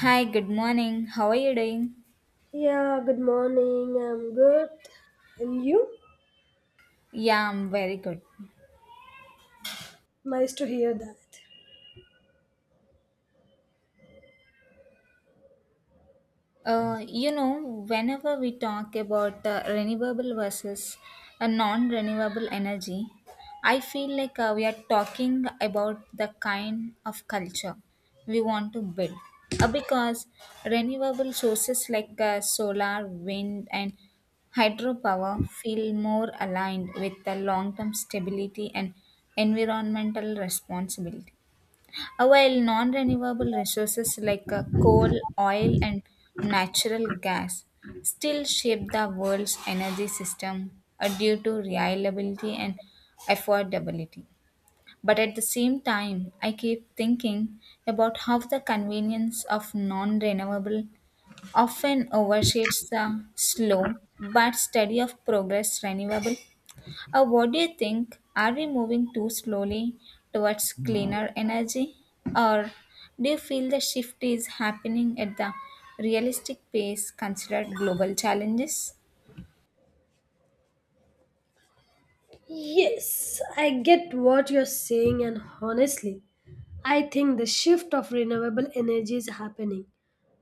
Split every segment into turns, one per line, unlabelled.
Hi, good morning. How are you doing?
Yeah, good morning. I'm good. And you?
Yeah, I'm very good.
Nice to hear that.
Whenever we talk about renewable versus a non-renewable energy, I feel like we are talking about the kind of culture we want to build. Because renewable sources like solar, wind, and hydropower feel more aligned with the long-term stability and environmental responsibility. While non-renewable resources like coal, oil, and natural gas still shape the world's energy system due to reliability and affordability. But at the same time, I keep thinking about how the convenience of non-renewable often overshades the slow but steady of progress renewable. What do you think? Are we moving too slowly towards cleaner energy? Or do you feel the shift is happening at the realistic pace considered global challenges?
Yes, I get what you're saying, and honestly, I think the shift of renewable energy is happening.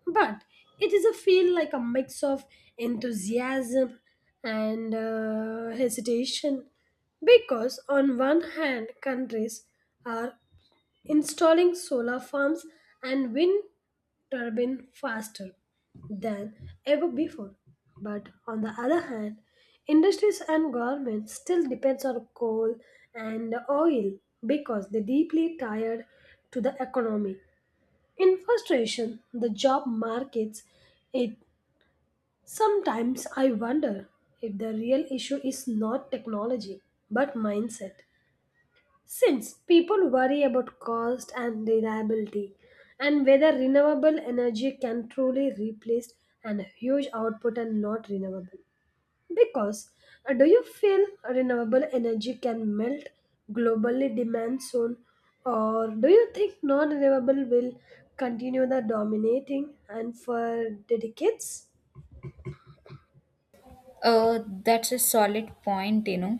But it is a feel like a mix of enthusiasm and hesitation because on one hand countries are installing solar farms and wind turbine faster than ever before. But on the other hand, industries and governments still depends on coal and oil because they deeply tied to the economy. In frustration, the job markets, it sometimes I wonder if the real issue is not technology but mindset. Since people worry about cost and reliability and whether renewable energy can truly replace an huge output and not renewable. Because do you feel renewable energy can melt globally demand soon or do you think non-renewable will continue the dominating and for decades?
That's a solid point, you know.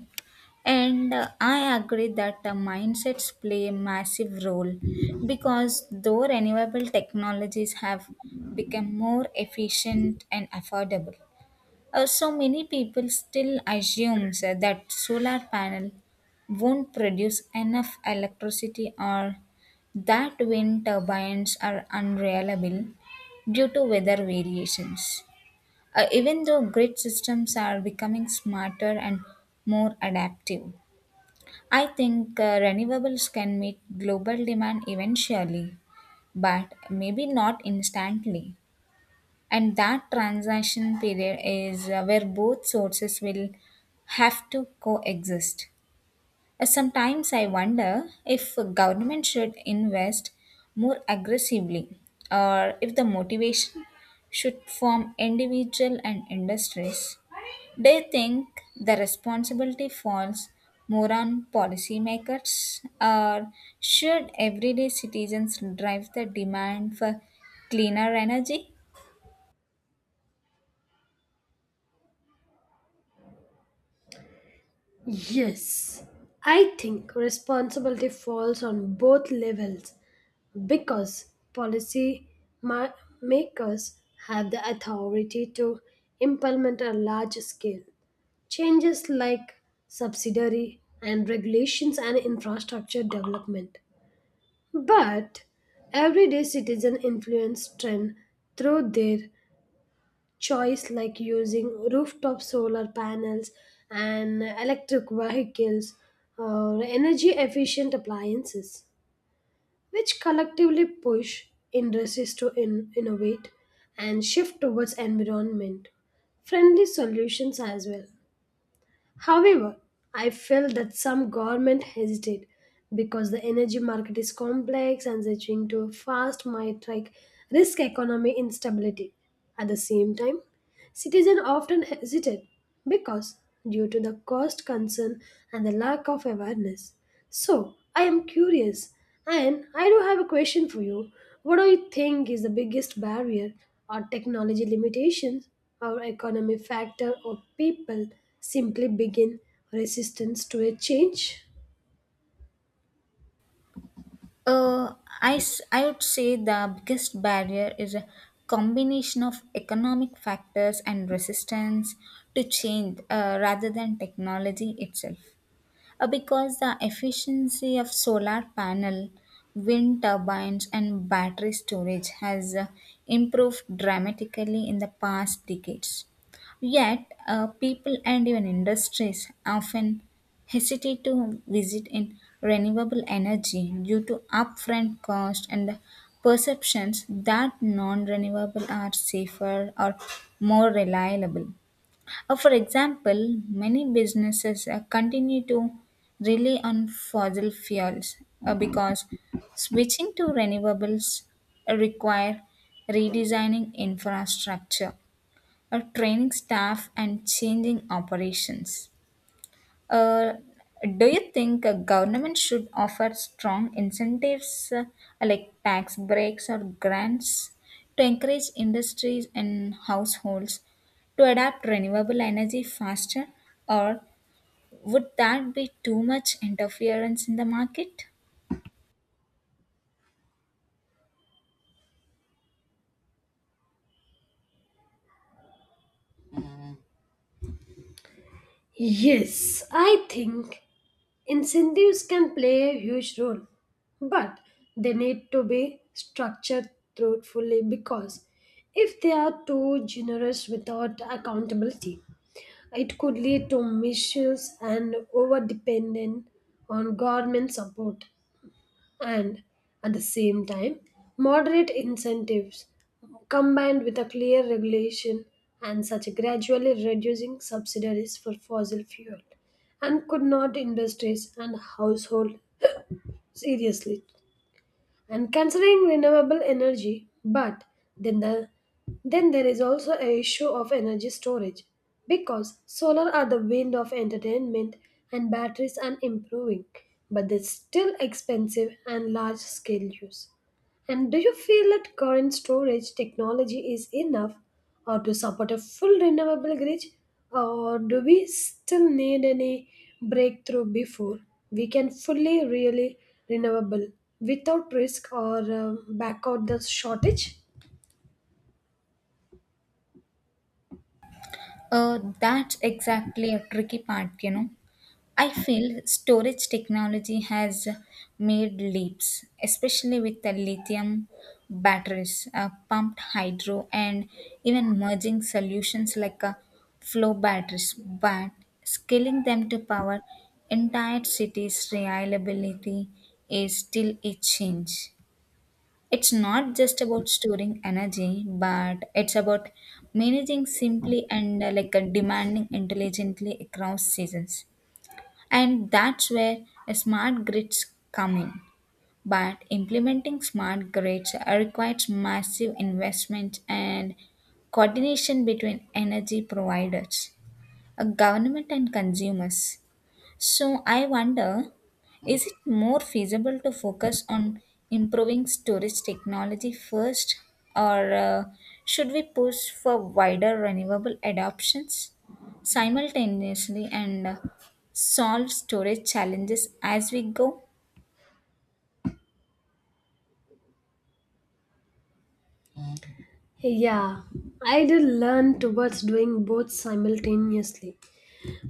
And I agree that the mindsets play a massive role because though renewable technologies have become more efficient and affordable. So many people still assumes sir, that solar panel won't produce enough electricity or that wind turbines are unreliable due to weather variations. Even though grid systems are becoming smarter and more adaptive, I think renewables can meet global demand eventually, but maybe not instantly, and that transaction period is where both sources will have to coexist. Sometimes I wonder if government should invest more aggressively, or if the motivation should form individual and industries. They think the responsibility falls more on policymakers, or should everyday citizens drive the demand for cleaner energy?
Yes, I think responsibility falls on both levels because policy ma- makers have the authority to implement a large scale changes like subsidiary and regulations and infrastructure development. But everyday citizen influence trend through their choice like using rooftop solar panels and electric vehicles or energy efficient appliances, which collectively push industries to innovate and shift towards environment friendly solutions as well. However, I feel that some government hesitate because the energy market is complex and switching to fast might like risk economy instability. At the same time, citizens often hesitate because due to the cost concern and the lack of awareness. So, I am curious and I do have a question for you. What do you think is the biggest barrier or technology limitations or economy factor or people simply begin resistance to a change?
Uh, I would say the biggest barrier is a combination of economic factors and resistance to change, rather than technology itself, because the efficiency of solar panel, wind turbines, and battery storage has improved dramatically in the past decades, yet people and even industries often hesitate to visit in renewable energy due to upfront cost and the perceptions that non-renewable are safer or more reliable. For example, many businesses continue to rely on fossil fuels because switching to renewables require redesigning infrastructure, training staff, and changing operations. Uh, do you think a government should offer strong incentives like tax breaks or grants to encourage industries and households to adapt renewable energy faster, or would that be too much interference in the market?
Yes, I think incentives can play a huge role, but they need to be structured thoughtfully because if they are too generous without accountability, it could lead to misuse and overdependence on government support and at the same time moderate incentives combined with a clear regulation and such a gradually reducing subsidies for fossil fuel and could not industries and household seriously and considering renewable energy but then then there is also a issue of energy storage because solar are the wind of entertainment and batteries are improving but they're still expensive and large scale use and do you feel that current storage technology is enough or to support a full renewable grid, or do we still need any breakthrough before we can fully really renewable without risk or back out the shortage?
That's exactly a tricky part, you know. I feel storage technology has made leaps, especially with the lithium batteries, pumped hydro, and even merging solutions like flow batteries. But scaling them to power entire cities' reliability is still a challenge. It's not just about storing energy, but it's about managing simply and demanding intelligently across seasons. And that's where smart grids come in. But implementing smart grids requires massive investment and coordination between energy providers, government, and consumers. So I wonder, is it more feasible to focus on improving storage technology first, or should we push for wider renewable adoptions simultaneously and solve storage challenges as we go?
Yeah, I did learn towards doing both simultaneously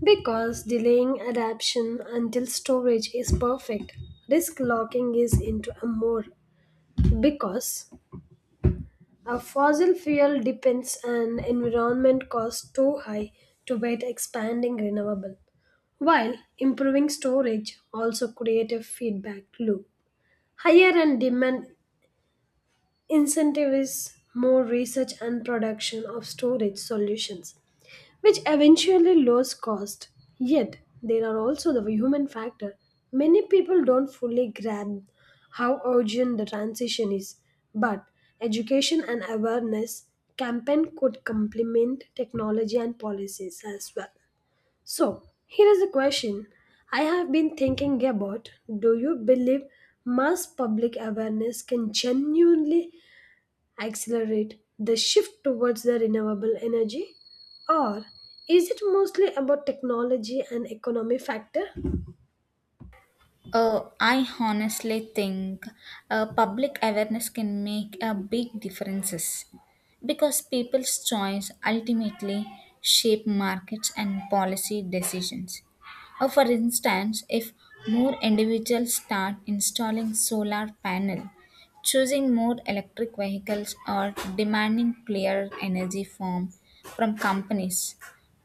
because delaying adaption until storage is perfect, risk locking is into a more because a fossil fuel depends and environment costs too high to wait expanding renewable, while improving storage also create a feedback loop. Higher and demand incentives more research and production of storage solutions which eventually lowers cost. Yet, there are also the human factor. Many people don't fully grasp how urgent the transition is, but education and awareness campaign could complement technology and policies as well. So, here is a question I have been thinking about. Do you believe mass public awareness can genuinely accelerate the shift towards the renewable energy? Or is it mostly about technology and economy factor?
I honestly think public awareness can make a big differences because people's choice ultimately shape markets and policy decisions. For instance, if more individuals start installing solar panel, choosing more electric vehicles, or demanding clear energy form from companies,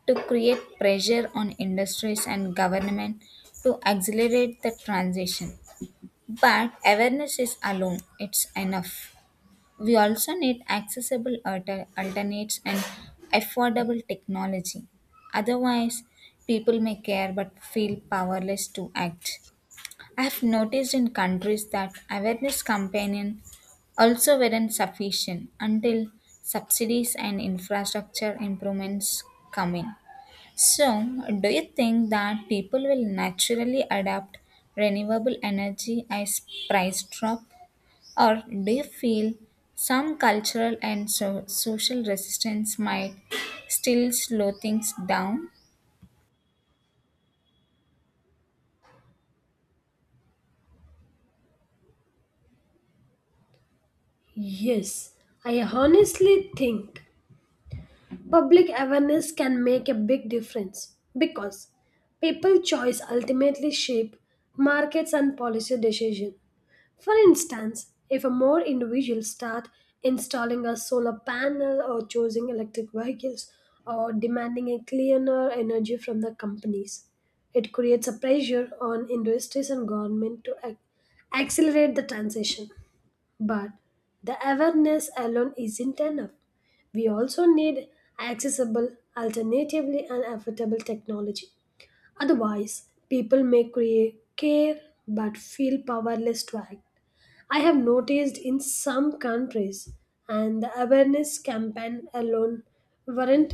to create pressure on industries and government to accelerate the transition. But awareness is alone, it's enough. We also need accessible alternates and affordable technology. Otherwise, people may care but feel powerless to act. I have noticed in countries that awareness campaigning also weren't sufficient until subsidies and infrastructure improvements come in. So, do you think that people will naturally adapt renewable energy as price drop, or do you feel some cultural and social resistance might still slow things down?
Yes, I honestly think public awareness can make a big difference because people choice ultimately shape markets and policy decision. For instance, if a more individuals start installing a solar panel or choosing electric vehicles or demanding a cleaner energy from the companies, it creates a pressure on industries and government to accelerate the transition. But the awareness alone isn't enough. We also need accessible, alternatively and affordable technology. Otherwise, people may create care but feel powerless to act. I have noticed in some countries, and the awareness campaign alone weren't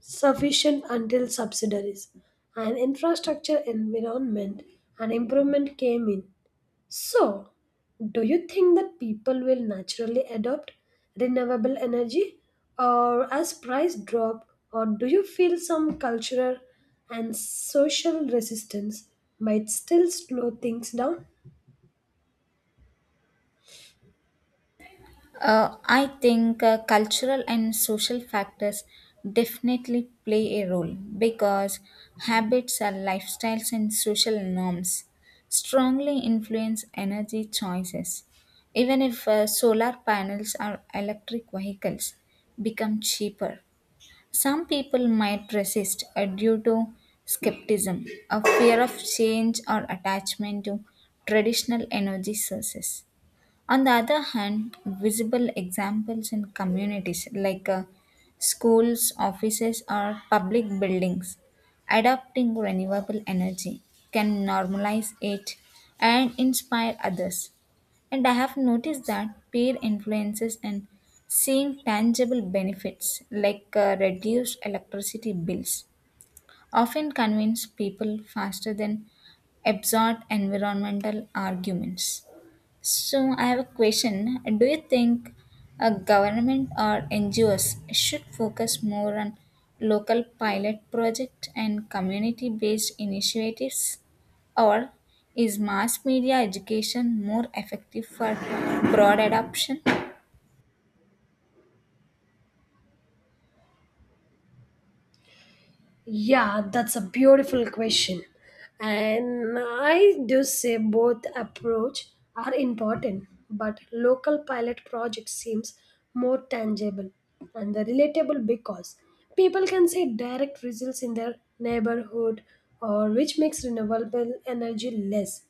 sufficient until subsidiaries and infrastructure, environment, and improvement came in. So, do you think that people will naturally adopt renewable energy or as price drop or do you feel some cultural and social resistance might still slow things down?
I think cultural and social factors definitely play a role because habits are lifestyles and social norms strongly influence energy choices. Even if solar panels or electric vehicles become cheaper, some people might resist due to skepticism, a fear of change, or attachment to traditional energy sources. On the other hand, visible examples in communities like schools, offices, or public buildings adopting renewable energy can normalize it and inspire others. And I have noticed that peer influences and seeing tangible benefits like reduced electricity bills often convince people faster than absurd environmental arguments. So I have a question. Do you think a government or NGOs should focus more on local pilot project and community based initiatives? Or is mass media education more effective for broad adoption?
Yeah, that's a beautiful question. And I do say both approach are important, but local pilot project seems more tangible and the relatable because people can see direct results in their neighborhood or which makes renewable energy less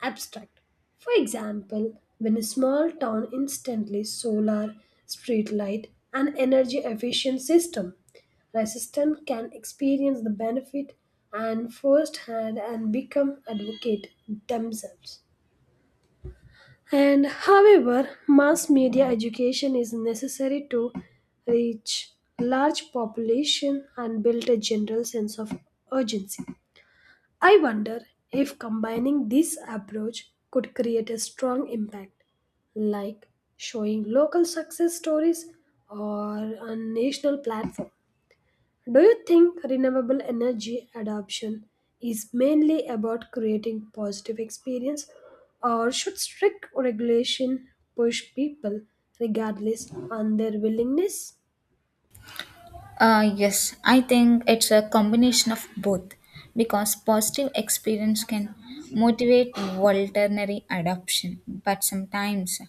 abstract. For example, when a small town instantly solar, street light, and energy efficient system resistant can experience the benefit and firsthand and become advocate themselves. And however, mass media education is necessary to reach large population and build a general sense of urgency. I wonder if combining this approach could create a strong impact, like showing local success stories or a national platform. Do you think renewable energy adoption is mainly about creating positive experience or should strict regulation push people regardless on their willingness?
Yes, I think it's a combination of both because positive experience can motivate voluntary adoption, but sometimes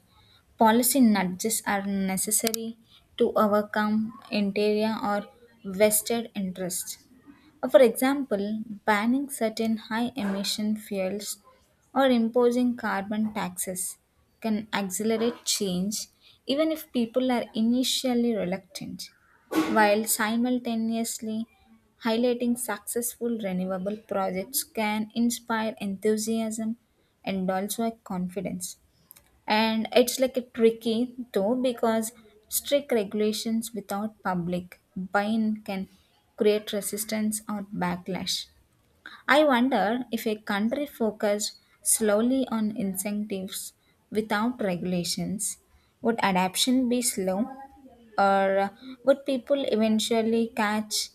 policy nudges are necessary to overcome interior or vested interests. For example, banning certain high emission fuels or imposing carbon taxes can accelerate change even if people are initially reluctant, while simultaneously highlighting successful renewable projects can inspire enthusiasm and also a confidence. And it's like a tricky though, because strict regulations without public buy-in can create resistance or backlash. I wonder if a country focused slowly on incentives without regulations, would adoption be slow? Or would people eventually catch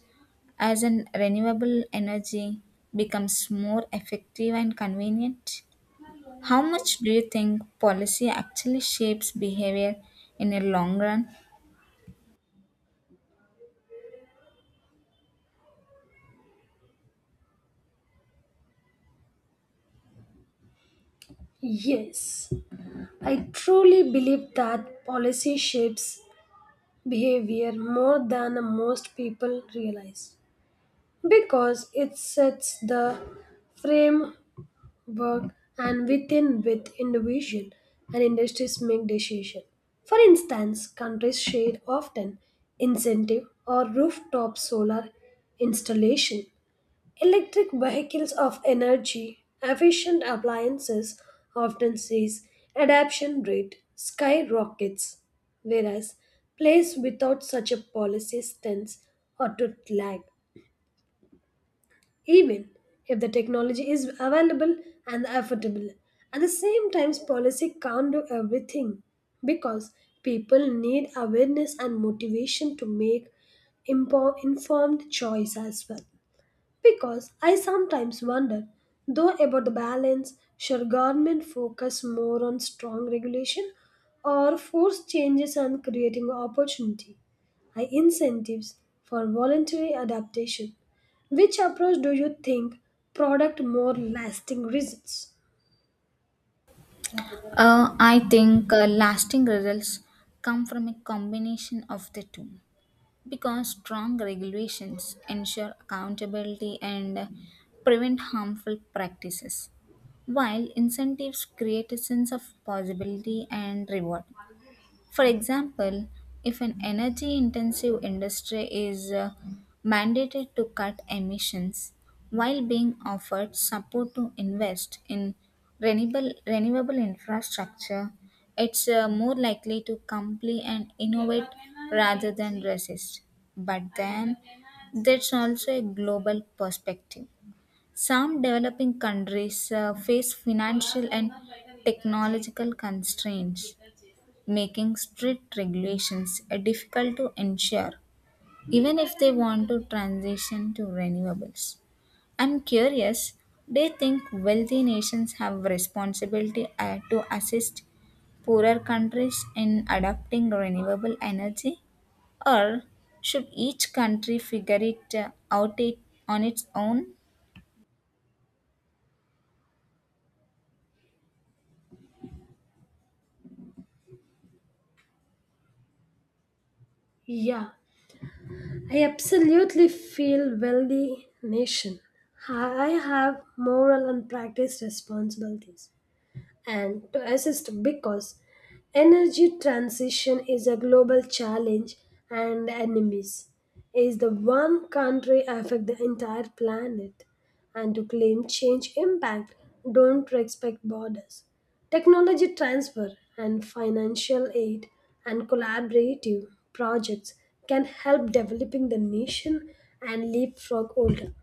as an renewable energy becomes more effective and convenient? How much do you think policy actually shapes behavior in a long run?
Yes, I truly believe that policy shapes behavior more than most people realize because it sets the frame work and within with individual and industries make decision. For instance, countries share often incentive or rooftop solar installation. Electric vehicles of energy efficient appliances often sees adoption rate skyrockets, whereas place without such a policy stands or to lag even if the technology is available and affordable. At the same time, policy can't do everything because people need awareness and motivation to make informed choice as well. Because I sometimes wonder, though, about the balance should government focus more on strong regulation or force changes and creating opportunity? I incentives for voluntary adaptation. Which approach do you think product more lasting results?
I think lasting results come from a combination of the two, because strong regulations ensure accountability and prevent harmful practices, while incentives create a sense of possibility and reward. For example, if an energy intensive industry is mandated to cut emissions while being offered support to invest in renewable infrastructure, it's more likely to comply and innovate rather than resist. But then, there's also a global perspective. Some developing countries face financial and technological constraints, making strict regulations difficult to ensure, even if they want to transition to renewables. I'm curious, they think wealthy nations have responsibility to assist poorer countries in adopting renewable energy, or should each country figure it out it on its own?
Yeah, I absolutely feel wealthy nation. I have moral and practice responsibilities and to assist because energy transition is a global challenge and enemies is the one country affect the entire planet and to claim change impact don't respect borders technology transfer and financial aid and collaborative projects can help developing the nation and leapfrog older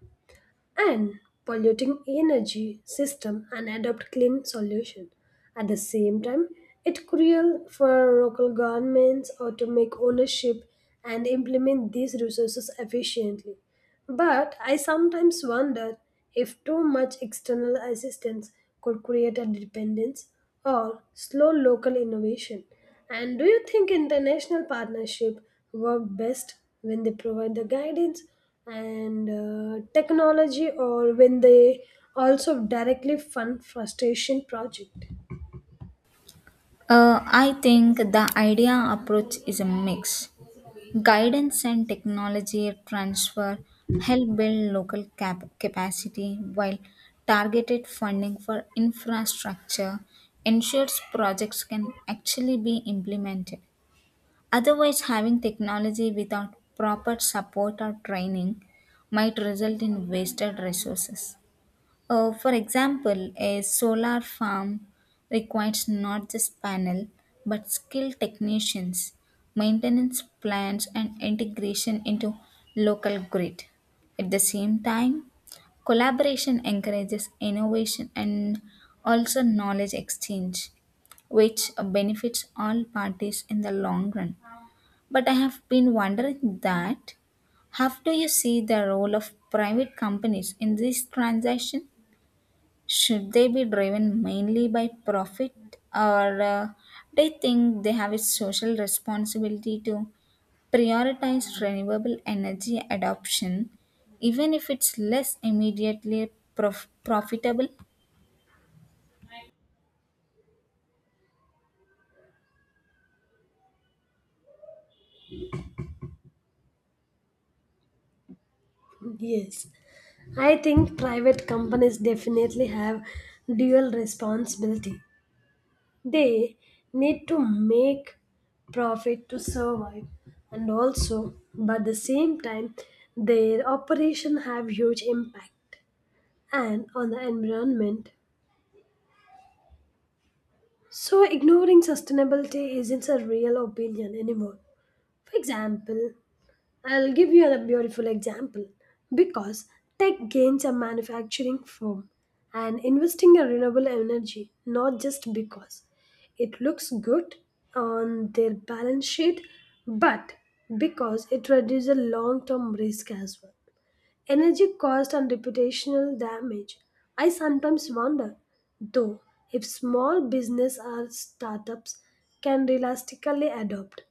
and polluting energy system and adopt clean solution at the same time, it cruel for local governments or to make ownership and implement these resources efficiently. But I sometimes wonder if too much external assistance could create a dependence or slow local innovation. And do you think international partnership work best when they provide the guidance and technology or when they also directly fund frustration project?
I think the idea approach is a mix. Guidance and technology transfer help build local capacity, while targeted funding for infrastructure ensures projects can actually be implemented. Otherwise, having technology without proper support or training might result in wasted resources. For example, a solar farm requires not just panel but skilled technicians, maintenance plans, and integration into local grid. At the same time, collaboration encourages innovation and also knowledge exchange, which benefits all parties in the long run. But I have been wondering that how do you see the role of private companies in this transaction? Should they be driven mainly by profit, or they think they have a social responsibility to prioritize renewable energy adoption, even if it's less immediately profitable?
Yes, I think private companies definitely have dual responsibility. They need to make profit to survive and also but at the same time their operation have huge impact and on the environment. So ignoring sustainability isn't a real opinion anymore. For example, I'll give you a beautiful example. Because tech gains a manufacturing firm and investing in renewable energy, not just because it looks good on their balance sheet, but because it reduces long term risk as well energy cost and reputational damage. I sometimes wonder, though, if small business or startups can realistically adopt.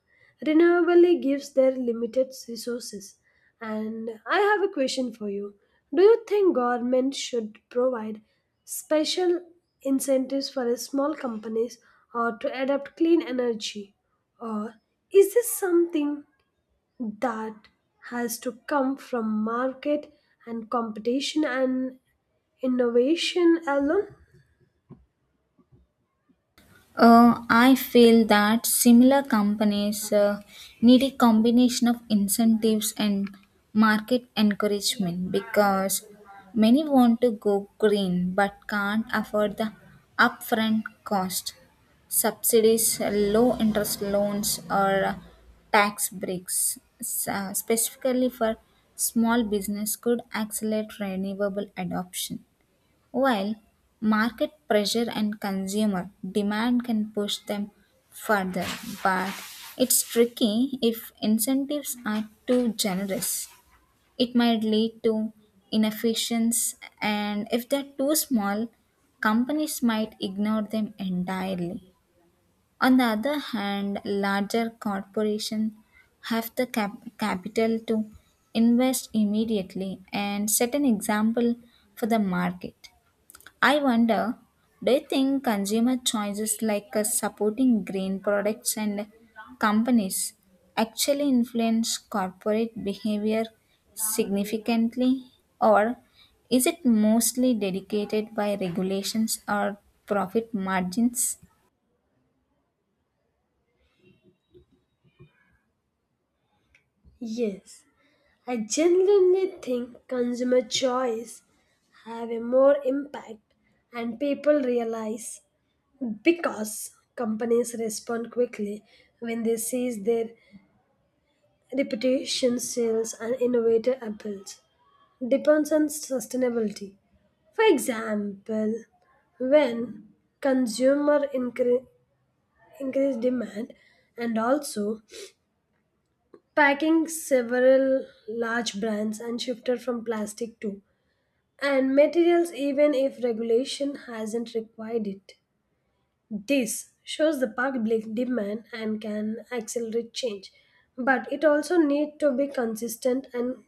Renewably gives their limited resources. And I have a question for you. Do you think government should provide special incentives for small companies or to adopt clean energy? Or is this something that has to come from market and competition and innovation alone?
I feel that similar companies need a combination of incentives and market encouragement because many want to go green but can't afford the upfront cost. Subsidies, low interest loans, or tax breaks, specifically for small business, could accelerate renewable adoption. While market pressure and consumer demand can push them further, but it's tricky if incentives are too generous. It might lead to inefficiency, and if they're too small, companies might ignore them entirely. On the other hand, larger corporations have the capital to invest immediately and set an example for the market. I wonder, do you think consumer choices like supporting green products and companies actually influence corporate behavior significantly, or is it mostly dedicated by regulations or profit margins?
Yes, I genuinely think consumer choice have a more impact and people realize because companies respond quickly when they seize their reputation sales and innovator appeals. Depends on sustainability. For example, when consumer increase demand and also packing several large brands and shifted from plastic to and materials even if regulation hasn't required it. This shows the public demand and can accelerate change, but it also need to be consistent and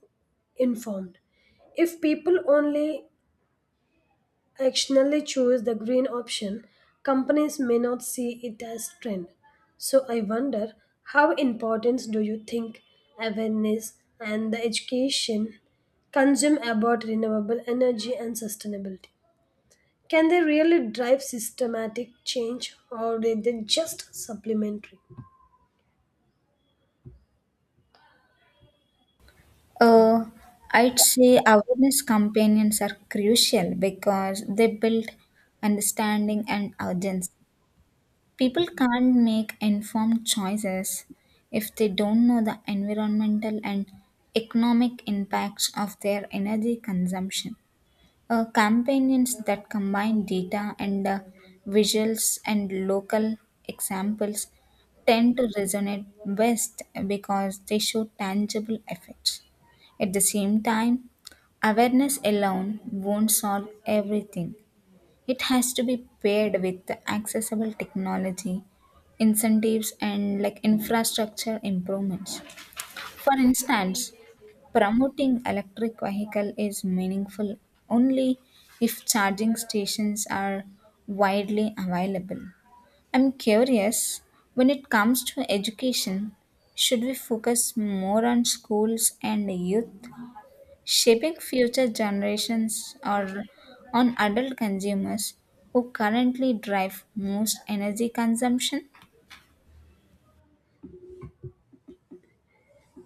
informed if people only actionally choose the green option, companies may not see it as trend. So I wonder how important do you think awareness and the education consume about renewable energy and sustainability? Can they really drive systematic change or are they just supplementary?
Uh, I'd say awareness campaigns are crucial because they build understanding and urgency. People can't make informed choices if they don't know the environmental and economic impacts of their energy consumption. Campaigns that combine data and visuals and local examples tend to resonate best because they show tangible effects. At the same time, awareness alone won't solve everything. It has to be paired with accessible technology, incentives, and like infrastructure improvements. For instance, promoting electric vehicle is meaningful only if charging stations are widely available. I'm curious, when it comes to education, should we focus more on schools and youth shaping future generations, or on adult consumers who currently drive most energy consumption?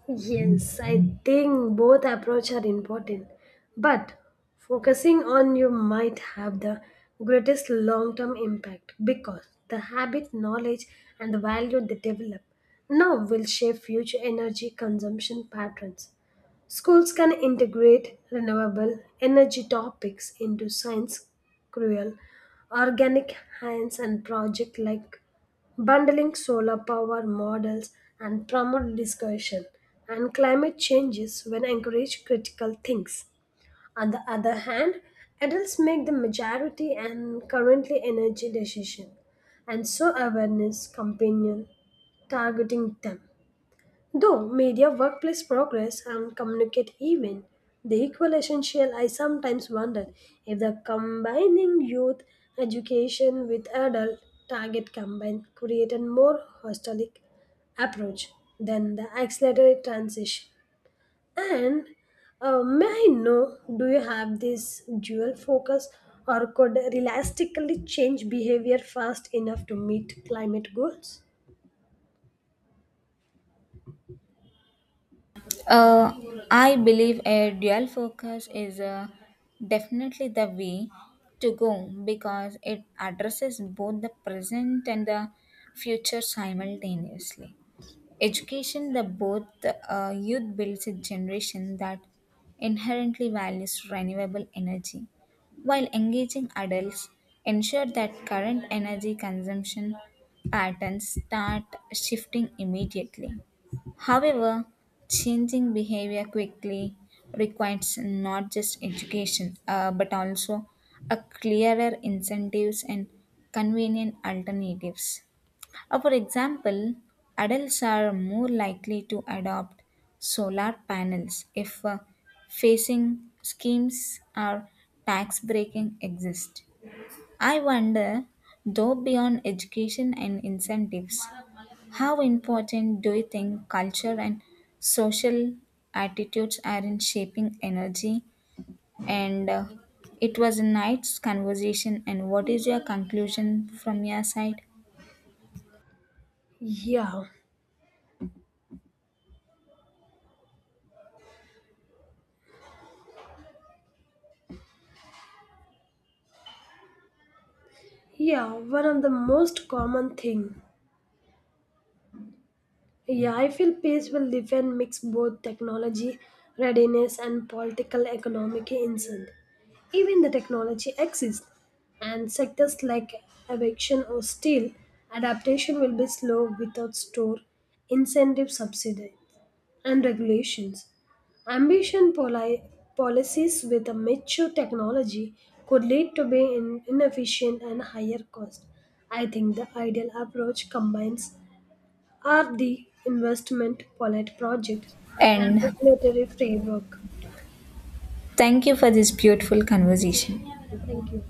Yes, I think both approach are important, but focusing on you might have the greatest long-term impact because the habit, knowledge, and the value they develop now will shape future energy consumption patterns. Schools can integrate renewable energy topics into science, cruel, organic hands and project like bundling solar power models and promote discussion and climate changes when encourage critical things. On the other hand, adults make the majority and currently energy decision and so awareness companion targeting them. Though media workplace progress and communicate even, the equal essential I sometimes wonder if the combining youth education with adult target combined create a more holistic approach than the accelerated transition. And may I know, do you have this dual focus or could realistically change behavior fast enough to meet climate goals?
Uh, I believe a dual focus is definitely the way to go because it addresses both the present and the future simultaneously. Education the both youth builds a generation that inherently values renewable energy, while engaging adults ensure that current energy consumption patterns start shifting immediately. However, changing behavior quickly requires not just education, but also a clearer incentives and convenient alternatives. For example, adults are more likely to adopt solar panels if facing schemes or tax breaking exist. I wonder, though, beyond education and incentives, how important do you think culture and social attitudes are in shaping energy? And it was a nice conversation. And what is your conclusion from your side?
Yeah. Yeah, one of the most common thing. Yeah, I feel peace will defend mix both technology readiness and political economic incentive. Even the technology exists, and sectors like aviation or steel adaptation will be slow without store incentive subsidy and regulations. Ambition policies with a mature technology could lead to being inefficient and higher cost. I think the ideal approach combines R&D investment, pilot project, and
And
regulatory framework.
thank you for this beautiful conversation.
Thank you.